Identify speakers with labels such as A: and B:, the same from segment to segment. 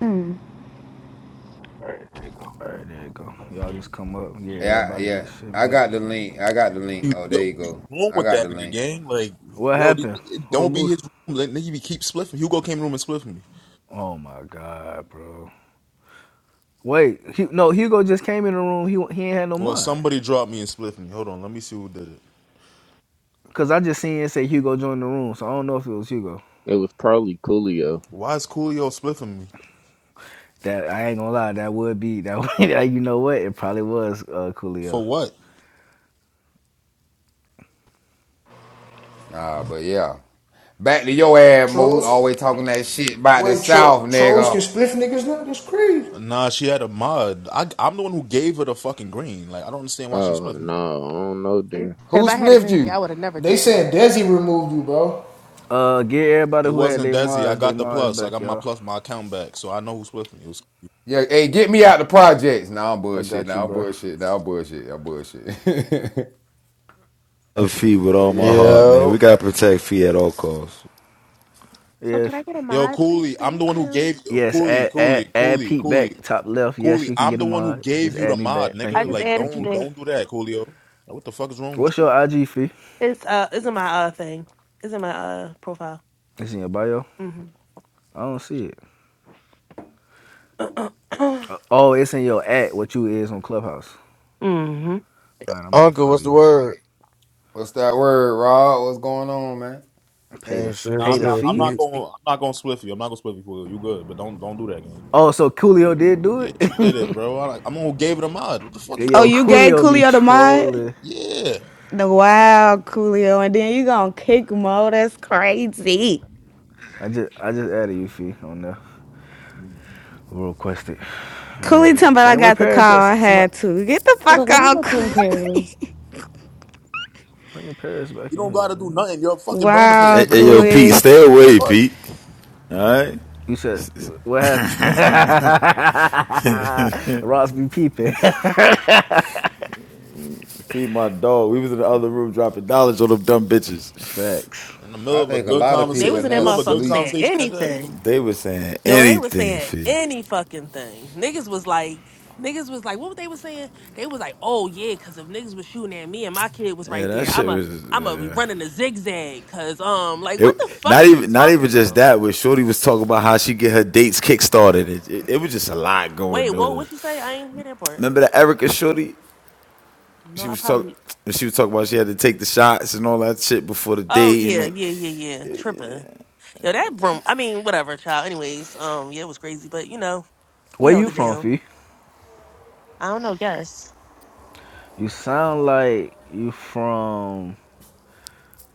A: Mm.
B: All right, there you go. Y'all just come up and get
C: Yeah,
B: everybody
C: yeah.
B: that shit
C: I
B: back.
C: got the link. I got the link.
D: Yo,
C: Oh, there you
D: what be
C: go.
D: wrong
C: I
D: with
C: got the
D: that nigga
C: link.
D: gang? Like,
B: What
D: yo, th-
B: happened?
D: it
B: Who
D: don't be
B: removed?
D: his room. Like, nigga, be keep spliffing. Hugo came in the room and spliffing me.
B: Oh my god, bro. Wait, Hu no, Hugo just came in the room. He he ain't had no
D: Well,
B: mind.
D: somebody dropped me and spliffed me. Hold on, let me see who did it.
B: Cause I just seen it say Hugo joined the room, so I don't know if it was Hugo.
E: It was probably Coolio.
D: Why is Coolio spliffing me?
B: That I ain't gonna lie, that would be that. would- you know what? It probably was uh, Coolio.
D: For what?
C: Nah, but yeah. Back to your ass, Mo.
F: Trolls,
C: Always talking that shit about the
F: wait,
C: South,
F: tro- trolls can
C: nigga.
F: split niggas now? That's crazy.
D: Nah, she had a mod. I, I'm the one who gave her the fucking green. Like, I don't understand why she
E: Oh
D: spliffed me.
E: no, I don't know, dude.
G: If
C: Who
G: I had a
C: spliffed
G: green bean, I
C: you?
G: would have never
F: They
G: did that.
F: saying Desi removed you, bro.
B: Uh, get everybody
D: It
B: who had
D: wasn't
B: their
D: Desi. I
B: Mars, their
D: got the
B: Mars
D: plus. I
B: back,
D: got my
B: y'all.
D: plus, my account back. So I know who spliffed me. It was.
C: Yeah, hey, get me out the projects. Nah, I'm
B: I
C: bullshit.
B: got you,
C: Nah, I'm
B: bro.
C: bullshit. Nah, I'm bullshit. I'm bullshit.
H: love Fee with
C: but
H: all my
C: yeah, but
H: heart, man. We
I: Yo,
H: gotta protect Fee at all costs.
G: So can I
B: If
G: get a
D: Yo,
G: mod, please?
D: Cooley, I'm the
G: Thank
D: one who
G: you.
D: gave you
B: yes,
D: Cooley,
B: add add
D: Cooley,
B: add
D: Cooley,
B: Pete
D: Cooley,
B: back top left. Yes,
D: Cooley.
B: you can
D: I'm
B: get a
D: the one who
B: mod. Just
D: gave you the
B: add me
D: mod,
B: back. Thank
G: I
D: nigga.
B: you,
G: just
D: Like,
G: added
B: thank you.
G: you
D: don't
G: there.
D: don't do that, Coolio. Like, what the fuck is wrong with
B: What's
D: you?
B: your IG fee?
G: It's uh, it's in my uh thing. It's in my uh profile.
B: It's in your bio.
G: Mm-hmm.
B: I don't see it. Uh, Oh, it's in your at what you is on Clubhouse.
G: mm-hmm.
B: All right, I'm about to
I: Uncle,
B: follow
I: what's the
B: you.
I: word?
C: what's that word, Rod? What's going on, man?
B: Pay the
I: Ain't shit,
D: Nah,
I: what's
B: pay
D: I'm
B: the
D: not.
I: good?
D: I'm
B: fee.
D: not going. to
I: Pete?
D: I'm not going to split you. I'm not going to split you, Coolio. You good, but don't don't do that, gang.
B: Oh, so Coolio did do
D: Yeah,
B: it.
D: she did it, bro. I, I'm the one who gave it a mod. What the fuck is wrong?
A: Oh,
B: Yo,
A: you
D: With
A: gave
B: Coolio be
A: Coolio the mod?
B: trolling.
D: you? Yeah,
A: No, wow, Coolio. And then you gonna kick Mo. That's crazy.
B: I just I just added you fee on there. Who requested?
A: Cooley
B: Man,
A: talking about I
B: Dang, where
A: got the
B: Paris
A: call. I
B: at? Somebody,
A: had to. Get the
G: Well, the
A: fuck
G: women
A: out.
G: were pink
B: some
G: Paris.
B: bring your Paris back
D: you
B: in
D: don't
B: here,
D: gotta do
B: man.
D: nothing. You're a fucking burner
A: wow,
H: Hey,
D: page. No
H: hey,
D: one
H: yo,
D: knows who you
H: Pete,
A: Cooley.
D: are.
H: stay away,
D: Fuck.
H: Pete. All right.
B: You said what happened? Ross be peeping.
H: Feed my dog. We was in the other room dropping dollars on them dumb bitches.
B: Facts.
D: In the middle
C: I
D: of a
C: think a
D: good
C: lot of
G: They
C: people
D: conversation,
G: was
D: in
C: in
G: in
D: the
G: that
C: there
D: middle of a good
G: motherfucker
C: sleep.
G: saying
D: conversation at that.
G: anything.
H: They was saying
G: Yo, they was
H: anything,
G: saying
H: Fee.
G: any fucking thing. Niggas was like, niggas was like, what was they was saying? They was like, oh yeah, cause if niggas was shooting at me and my kid was
H: Yeah,
G: right
H: that
G: there, I'm
H: shit
G: a,
H: was.
G: I'm a
H: Uh,
G: running a zigzag, cause um, like, what the
H: it,
G: fuck
H: not
G: is you
H: even, not
G: talking
H: even just
G: about?
H: that. Where Shorty was talking about how she get her dates kickstarted. It, it, it was just a lot
G: Wait,
H: going
G: whoa!
H: on.
G: What she say? I ain't hear that part.
H: Remember that Erica Shorty?
G: No,
H: She
G: I
H: was talking.
G: probably.
H: She was talking about she had to take the shots and all that shit before the
G: Oh
H: date. And
G: yeah,
H: like,
G: yeah, yeah, yeah. Tripping. Yo, that broom. I mean, whatever, child. Anyways, um, yeah, it was crazy, but you know, we
B: Where
G: held
B: you
G: it
B: from,
G: down.
B: fee?
G: I don't know. Yes,
B: You sound like you from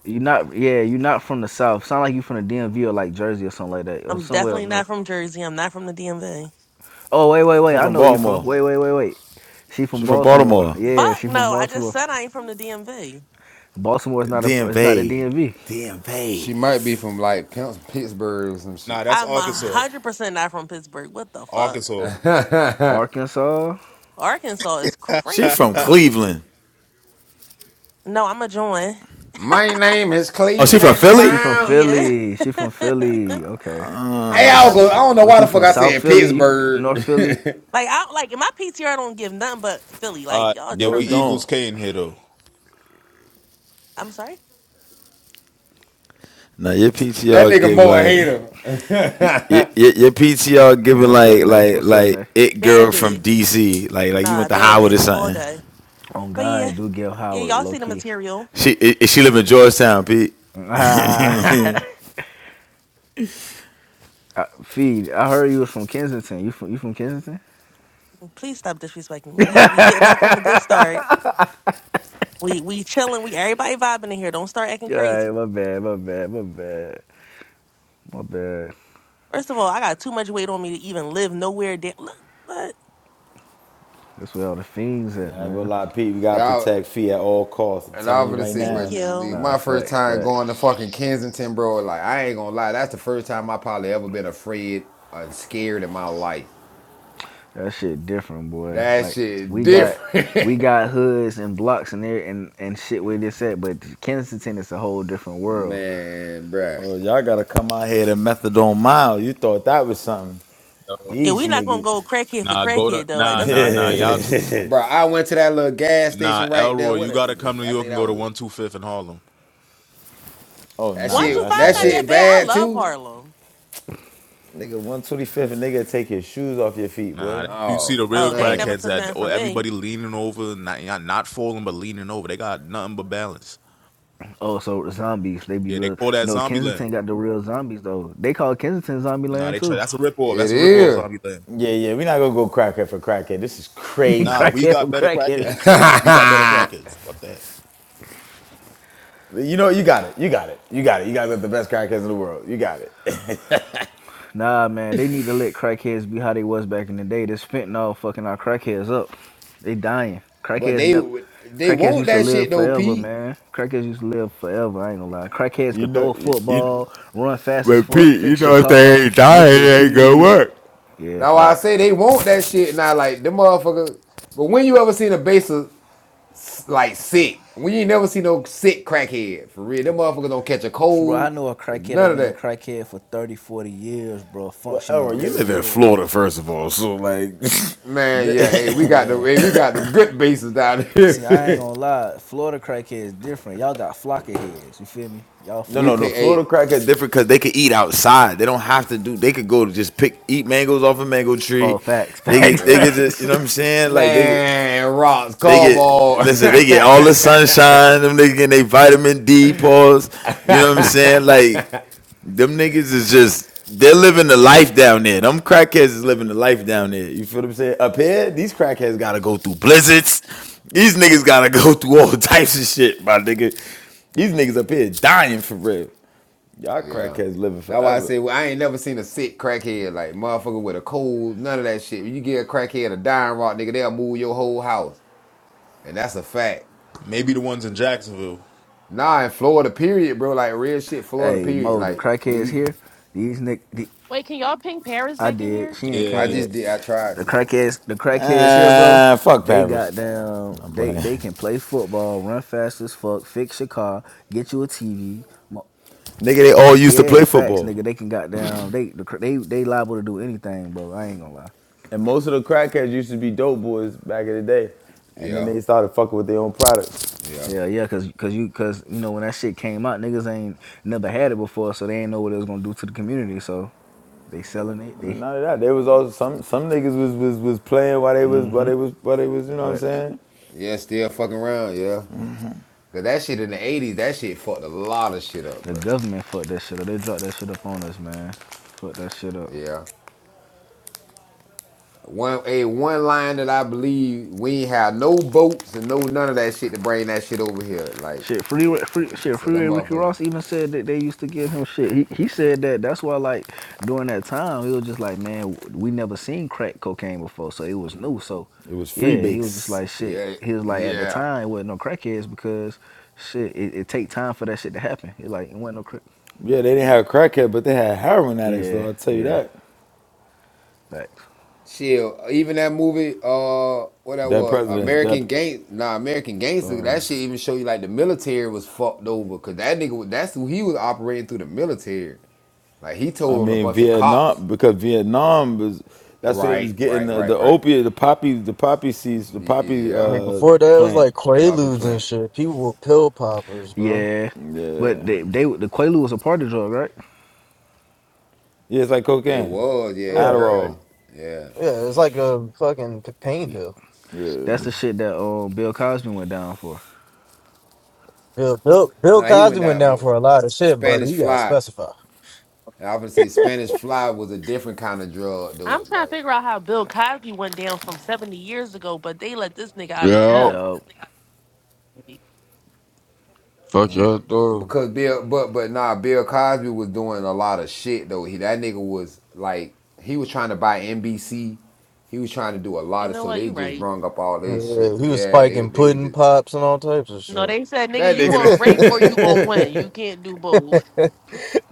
B: you not yeah, you not from the south. Sound like you from the DMV or like Jersey or something like that. Or
G: I'm
B: somewhere up
G: definitely
B: north.
G: not from Jersey. I'm not from the DMV.
B: Oh wait, wait, wait,
H: she
B: I
H: from
B: know where you from.
H: Baltimore.
B: Wait, wait, wait, wait. She from
H: She from
B: Baltimore.
H: Baltimore.
B: Yeah,
G: Fuck
B: she from
G: no. I just
B: Baltimore.
G: said I ain't from the DMV.
B: Baltimore is not a is not the
H: DMV.
B: DMV.
H: DMV.
C: She might be from like Pittsburgh or some shit.
D: Nah, that's
G: I'm a
D: Arkansas.
G: hundred percent not from Pittsburgh. What the fuck?
D: Arkansas.
B: Arkansas?
G: Arkansas is
H: She from
G: crazy.
H: Cleveland.
G: No, I'm a join.
C: My name is
H: Oh, she from
B: Oh, sh-
C: Cleveland
H: Philly?
B: she from
C: Brown.
G: Yeah,
B: Philly. She from Philly. Okay.
G: I'm
C: Hey,
H: Uh,
G: from
C: I go.
G: Philly.
C: I don't know
B: Weren't
C: why
B: you
C: the fuck
B: from
C: I
B: South
C: said
B: Philly?
C: Pittsburgh.
B: North Philly?
C: that
G: Like I like in my PTR don't give nothing but Philly. Like
D: Uh,
G: y'all
D: yeah,
H: no,
D: we
H: it
G: tripping.
D: Eagles
H: don't.
D: Kane here though.
G: I'm sorry.
H: Now your PTR
C: nigga
H: give
C: more a
H: like your,
C: hater.
H: your, your
B: C-
H: PTR
B: Come
H: giving
B: up here,
H: like
B: Nay.
H: like
B: What's up, Nay?
H: like it
G: Bad
H: girl from
G: bitch.
H: DC. Like like you
G: Nah,
H: went to
G: bad
H: Howard or
G: bitch all
H: something.
G: day.
B: On
G: But yeah,
B: God, do give
G: yeah,
B: Howard,
G: y'all
B: low
G: see the
B: key.
G: material.
H: She i she live in Georgetown, Pete.
B: Ah,
H: yeah, I ain't
B: I, Feed, I heard you was from Kensington. You from you from Kensington?
G: Please stop disrespecting me. We we getting off on a good start. We we chilling. We everybody vibing in here. Don't start acting
B: Yeah, all
G: crazy.
B: right, my bad, my bad, my bad, my bad.
G: First of all, I got too much weight on me to even live nowhere. Da- Look, what?
B: That's where all the fiends at,
H: gonna
B: man.
H: lie, Pete. We gotta
C: Y'all,
H: protect Fee at all costs. I'm
C: and I
H: telling
C: was
H: you
C: gonna
H: right
C: say,
B: N-
C: but
G: Thank
H: now.
G: you.
B: Nah,
C: my first
B: facts,
C: time
B: facts.
C: going to fucking Kensington, bro. Like I ain't gonna lie, that's the first time I probably ever been afraid and scared in my life.
B: That shit different, boy.
C: That
B: Like
C: shit
B: we got we
C: different,
B: got hoods and blocks in there and and shit where this at, but Kensington is a whole different world.
C: man, bro,
H: Oh, y'all gotta come out here to methadone mile. You thought that was something.
D: No.
G: Yeah,
H: These
G: we not gonna
H: niggas.
G: go crackhead for
D: Nah, go
G: crackhead
D: to
G: though. Like
D: nah,
G: that's
D: nah, nah.
G: nuts.
D: Y'all, too,
C: Bro, I went to that little gas station
D: nah,
C: right
D: Elroy,
C: there. What?
D: you
C: it-
D: gotta come to New
C: I
D: York
C: think
D: and
C: that
D: go to
C: was it.
D: One Two Fifth in Harlem.
H: Oh
C: that
G: One
H: nah,
G: two
C: shit.
H: that's
G: five
C: That
H: not
G: not
H: it.
G: that
C: shit
G: bad. I
C: bad
G: love
C: too.
G: Harlem.
H: Nigga, one twenty fifth, and nigga take your shoes off your feet,
D: Nah,
H: boy.
D: that- you see
C: Oh
D: the real
G: Oh, they ain't never
C: man,
D: crackheads
G: took
D: that
G: nothing
D: oh,
G: from me.
D: everybody leaning over, not not not falling but leaning over. They got nothing but balance.
B: Oh, so the zombies, they be
D: Yeah, they
B: real.
D: call that
B: No,
D: Zombie Land.
B: Kensington got the real zombies though. They call Kensington Zombie
D: Nah,
B: Land
D: they try.
B: too.
D: That's a ripoff.
C: it
D: That's a ripoff
C: is.
D: Zombie Land.
H: Yeah, yeah, we not gonna go crackhead for crackhead. This is
D: Nah,
H: crazy.
D: we
B: crackhead for
D: got better
B: crackhead is
D: crackheads.
B: crazy.
D: We got better
C: but
D: crackheads. Fuck that.
H: You know, you got it. You got it. You got it. You guys are the best crackheads in the world. You got it.
B: Nah, man, they need to let crackheads be how they was back in the day. This fentanyl fucking our crackheads up. They dying. Crackheads
C: they
B: never.
C: they
B: Crackheads
C: want
B: used to
C: that shit
B: live
C: though,
B: forever,
C: Pete.
B: man. Crackheads used to live forever. I ain't gonna lie. Crackheads
H: You
B: could throw
H: know,
B: a
H: you, you,
B: football, run fast as
H: but
B: fuck,
H: Pete, you
B: fix your
H: know if
B: car,
H: they ain't
B: get
H: dying,
B: you a
H: it ain't gonna
B: TV.
H: work.
B: Yeah,
C: Now I
B: facts.
C: say they want that shit. Now like them motherfuckers. But when you ever seen a baser like sick? When you ain't never seen no sick crackhead for real. Them motherfuckers don't catch a
B: Bro, I
C: cold.
B: know a crackhead
C: None
B: that
C: of
B: been a
C: that.
B: crackhead for 30, 40 years, bro,
H: Well,
B: functioning
H: Elroy, you
B: very
H: live in
B: well.
H: Florida, first of all, so like.
C: Man, yeah. Hey, we
H: This
B: Oh,
C: got the
B: yeah.
C: hey, we got them good bases down
B: See, I ain't
C: here.
B: gonna lie. Florida crackhead is different. Y'all got flocker heads. You feel me? Y'all,
H: No,
C: we
B: they,
H: no, no.
C: pay
H: Florida
C: eight.
H: crackhead different because they could eat outside. They don't have to do. They could go to just pick eat mangoes off a mango tree.
B: Oh, facts,
H: They
B: facts,
H: get they
C: Yeah.
H: get to, you know what I'm
B: facts.
H: saying? Like they get
C: Man, rocks,
H: they get
C: cowboy.
H: listen. They get all the sunshine. Them niggas getting their vitamin D pause. You know what I'm saying? Like them niggas is just they're living the life down there. Them crackheads is living the life down there. You feel what I'm saying? Up here, these crackheads gotta go through blizzards. These niggas gotta go through all types of shit, my nigga. These niggas up here dying for real. Y'all
C: Yeah.
H: crackheads living
C: That's why I
H: forever.
C: say well, I ain't never seen a sick crackhead like motherfucker with a cold, none of that shit. When you get a crackhead a dying rock, nigga, they'll move your whole house. And that's a fact.
D: Maybe the ones in Jacksonville.
C: Nah, in Florida, period, bro. Like real shit, Florida,
B: hey,
C: period.
B: Mo, the
C: Like,
B: crackheads
C: nigga,
B: here. These nick, the,
G: Wait, can y'all ping Paris
B: I
G: back in
B: did.
G: here?
B: She ain't
G: Thank
C: I
B: come
D: Yeah,
G: you.
B: yet.
C: just did I tried
B: The
C: to.
B: crackheads, the crackheads here, bro.
H: Ah, fuck
B: They got
H: Paris.
B: down.
H: I'm
B: They
H: playing.
B: they can play football, run fast as fuck, fix your car, get you a TV. Mo-
H: Nigga, they all used to
B: yeah,
H: play
B: facts,
H: football.
B: nigga. They can got down. They the, cra- they they liable to do anything, bro. I ain't gonna lie.
H: And most of the crackheads used to be dope boys back in the day, and then
C: Yeah.
H: they started fucking with their own product.
C: Yeah.
B: Yeah, yeah, cause, cause you, cause you know when that shit came out, niggas ain't never had it before, so they ain't know what it was gonna do to the community. So they selling it. They,
H: But none of that. They was all some some niggas was was was playing while they was
B: mm-hmm.
H: while they was while they was you know what I'm
B: Facts.
H: saying.
C: Yeah, still fucking around, yeah. Cause that shit in the eighties, that shit fucked a lot of shit up,
B: The
C: bro.
B: government fucked that shit up. They dropped that shit up on us, man. Fuck that shit up.
C: Yeah. One a one line that I believe we ain't have no boats and no none of that shit to bring that shit over here. Like
B: Shit, freeway, free, shit,
C: Said that
B: freeway. Ricky
C: motherfucker.
B: Ross even said that they used to give him shit. He, he said that. That's why, like during that time, he was just like, man, we never seen crack cocaine before, so it was new. So,
H: It was free
B: yeah, he was just
H: base.
B: like, shit.
C: Yeah,
B: He was like, at the
C: yeah.
B: time, it wasn't no crackheads because shit, it, it take time for that shit to happen. It like it wasn't no crack.
H: Yeah, they didn't have a crackhead, but they had heroin addicts though. I
B: Yeah,
H: will tell you
B: yeah,
H: that.
B: facts.
C: Shit, even that movie, uh, what that
H: Dead
C: was,
H: presidents. Dead.
C: American Gang, nah, American Gangster. That shit even show you like the military was fucked over, cause that nigga, was- that's who he was operating through the military. Like he
H: I
C: told on a
H: mean
C: bunch of cops.
H: Vietnam because Vietnam was that's what it was
C: Right,
H: getting
C: right,
H: the,
C: right,
H: the
C: right.
H: opiate the poppy the poppy seeds the
C: Y- y-
H: poppy
I: I
C: Yeah,
I: mean,
H: uh
I: before that, it was
H: plant
I: like
C: plop and
I: Quaaludes and
C: plant.
I: shit. People were pill poppers, bro.
B: Yeah,
H: yeah
B: but they, they the Quaalude was a party drug, right?
H: yeah it's like
C: It
H: cocaine
C: was, yeah, it
I: Yeah,
H: Adderall
C: was, yeah.
I: yeah, it's like a fucking p- pain pill.
B: That's the shit that uh, Bill Cosby went down for.
I: Bill, Bill, Bill
C: Now he went
I: Cosby went
C: down
I: down
C: for
I: for a lot of shit, brother.
C: Spanish
I: you gotta
C: fly.
I: specify.
C: And I often say Spanish fly was a different kind of drug,
G: I'm
C: dude.
G: trying to
C: Like
G: figure out how Bill Cosby went down from 70 years ago, but they let this nigga out of
J: Yo,
G: jail.
B: Yo,
G: Like,
J: fuck y'all doing?
C: Because Bill, but but nah, Bill Cosby was doing a lot of shit though. He that nigga was like he was trying to buy NBC. He was trying to do a
G: You
C: lot of
G: know
C: so
G: what?
C: they
G: You
C: just
G: right.
C: brung up all this shit.
I: Yeah, he was
C: Yeah, they
I: spiking
C: would they were
I: pudding
C: just
I: pops and all types of
G: No,
I: shit.
G: they said, nigga,
C: that
G: you gonna rape or you gonna win.
C: nigga.
G: You can't do both.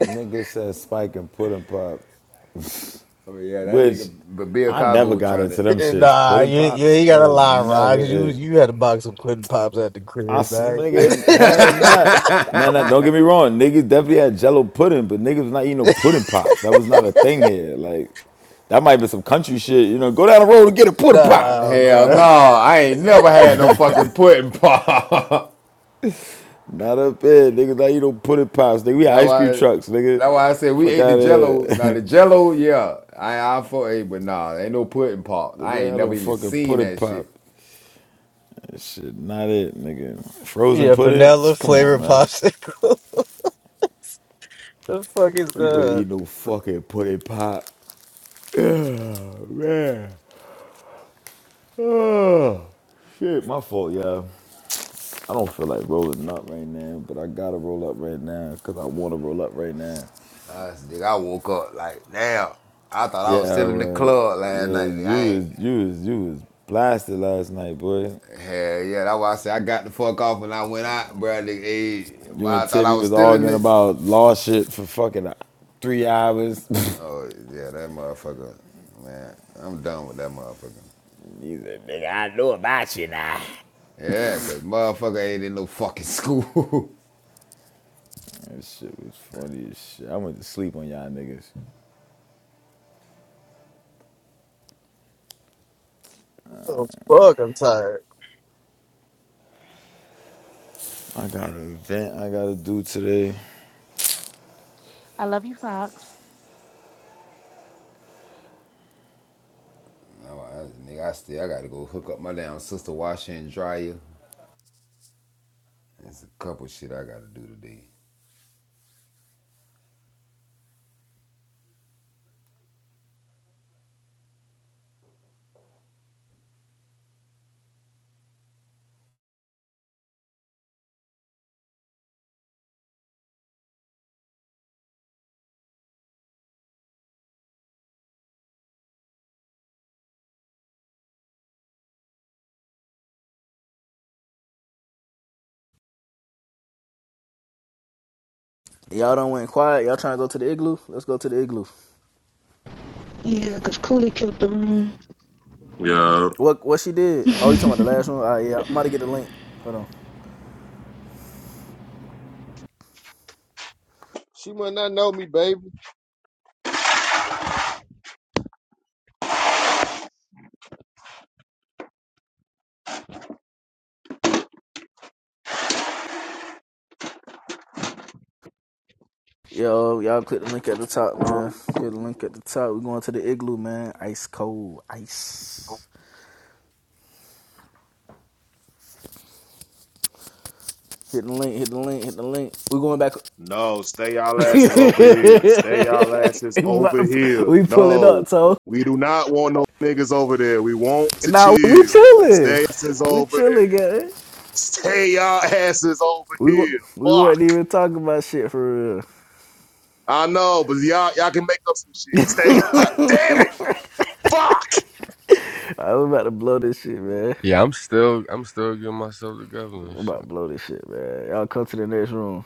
H: nigga says spike and pudding pops
C: oh yeah, that
H: which
C: nigga. But Bill
H: I
C: Cosby
H: never
C: was
H: got
C: trying to.
H: into them shits
I: nah,
H: pudding
I: you, you
H: pops
I: ain't
H: that
I: gotta
H: was
I: lie, Rock.
H: never
I: You
H: it
I: you had a box of pudding pops at the
H: I,
I: crib, man.
H: nigga. Hell not. Nah, nah, don't get me wrong. Niggas definitely had jello pudding, but niggas was not eating no pudding pops. That was not a thing here. Like, that might be some country shit. You know, go down the road and get a pudding pop.
I: nah,
C: Hell
H: Nah,
I: bro.
C: no, I ain't never had no fucking pudding pop.
H: not up here. Niggas not eating no pudding pops. Nigga, we had
C: that
H: ice cream
C: why.
H: trucks, nigga.
C: That's why I said we
H: Fuck
C: ate the
H: out of
C: Jello. Now
H: here.
C: the Jello, yeah, I I for a, but nah, ain't no pudding pop. I
H: nigga,
C: ain't
H: I don't
C: never even
H: fucking
C: seen
H: pudding
C: that
H: pop.
C: shit.
H: That shit not it, nigga. Frozen
I: Yeah,
H: pudding?
I: vanilla
H: Come on,
I: flavored
H: man.
I: popsicle. the fuck is
H: You better
I: that?
H: eat no fucking pudding pop. Man. Shit, my fault, y'all. I don't feel like rolling up right now, but I gotta roll up right now because I want to roll up right now.
C: Uh, nigga, I woke up like, damn, I thought I was
H: Yeah,
C: still in the
H: Elroy.
C: club last night.
H: Yeah,
C: Nigga.
H: you
C: I
H: was
C: ain't,
H: you was you was blasted last night, boy.
C: hell yeah, that's why I said I got the fuck off when I went out, bruh. Nigga, eh, but
H: You and
C: I thought I
H: Tibby
C: was
H: was
C: still in
H: arguing
C: the.
H: about law shit for fucking uh, three hours.
C: Oh, yeah, that motherfucker, man, I'm done with that motherfucker.
H: He said, "Nigga, I know about you now."
C: Yeah, cause motherfucker ain't in no fucking school.
H: That shit was funny as shit. I went to sleep on y'all niggas.
I: Oh, fuck, I'm tired.
H: I got an event I gotta do today.
G: I love you, Fox.
C: No, I, nigga, I still, I gotta go hook up my damn sister washer and dryer. There's a couple shit I gotta do today.
B: y'all don't went quiet. Y'all trying to go to the igloo? Let's go to the igloo.
A: Yeah, 'cause Cooley killed them.
K: Yeah.
B: What what she did? Oh, you talking about the last one? All right, yeah, I'm about to get the link. Hold on.
L: She might not know me, baby.
B: Yo, y'all click the link at the top, man. Click the link at the top. We're going to the igloo, man. Ice cold, ice. Hit the link, hit the link, hit the link. We're going back.
M: No, stay y'all
B: we
M: asses over here. Stay y'all asses
B: about
M: over
B: to
M: here.
B: we pull it up,
M: No,
B: so
M: we do not want no niggas over there. We want to
B: now nah, we
M: chill.
B: chilling.
M: Stay asses
B: We
M: over
B: chilling,
M: there.
B: guys.
M: Stay y'all asses over
B: We
M: here.
B: we
M: Fuck.
B: wasn't even talking about shit for real.
M: I know, but y'all y'all can make up some shit. Stay. Damn it. Fuck.
B: I am about to blow this shit, man.
J: Yeah, I'm still I'm still getting myself together and
B: I'm
J: shit.
B: about to blow this shit, man. Y'all come to the next room.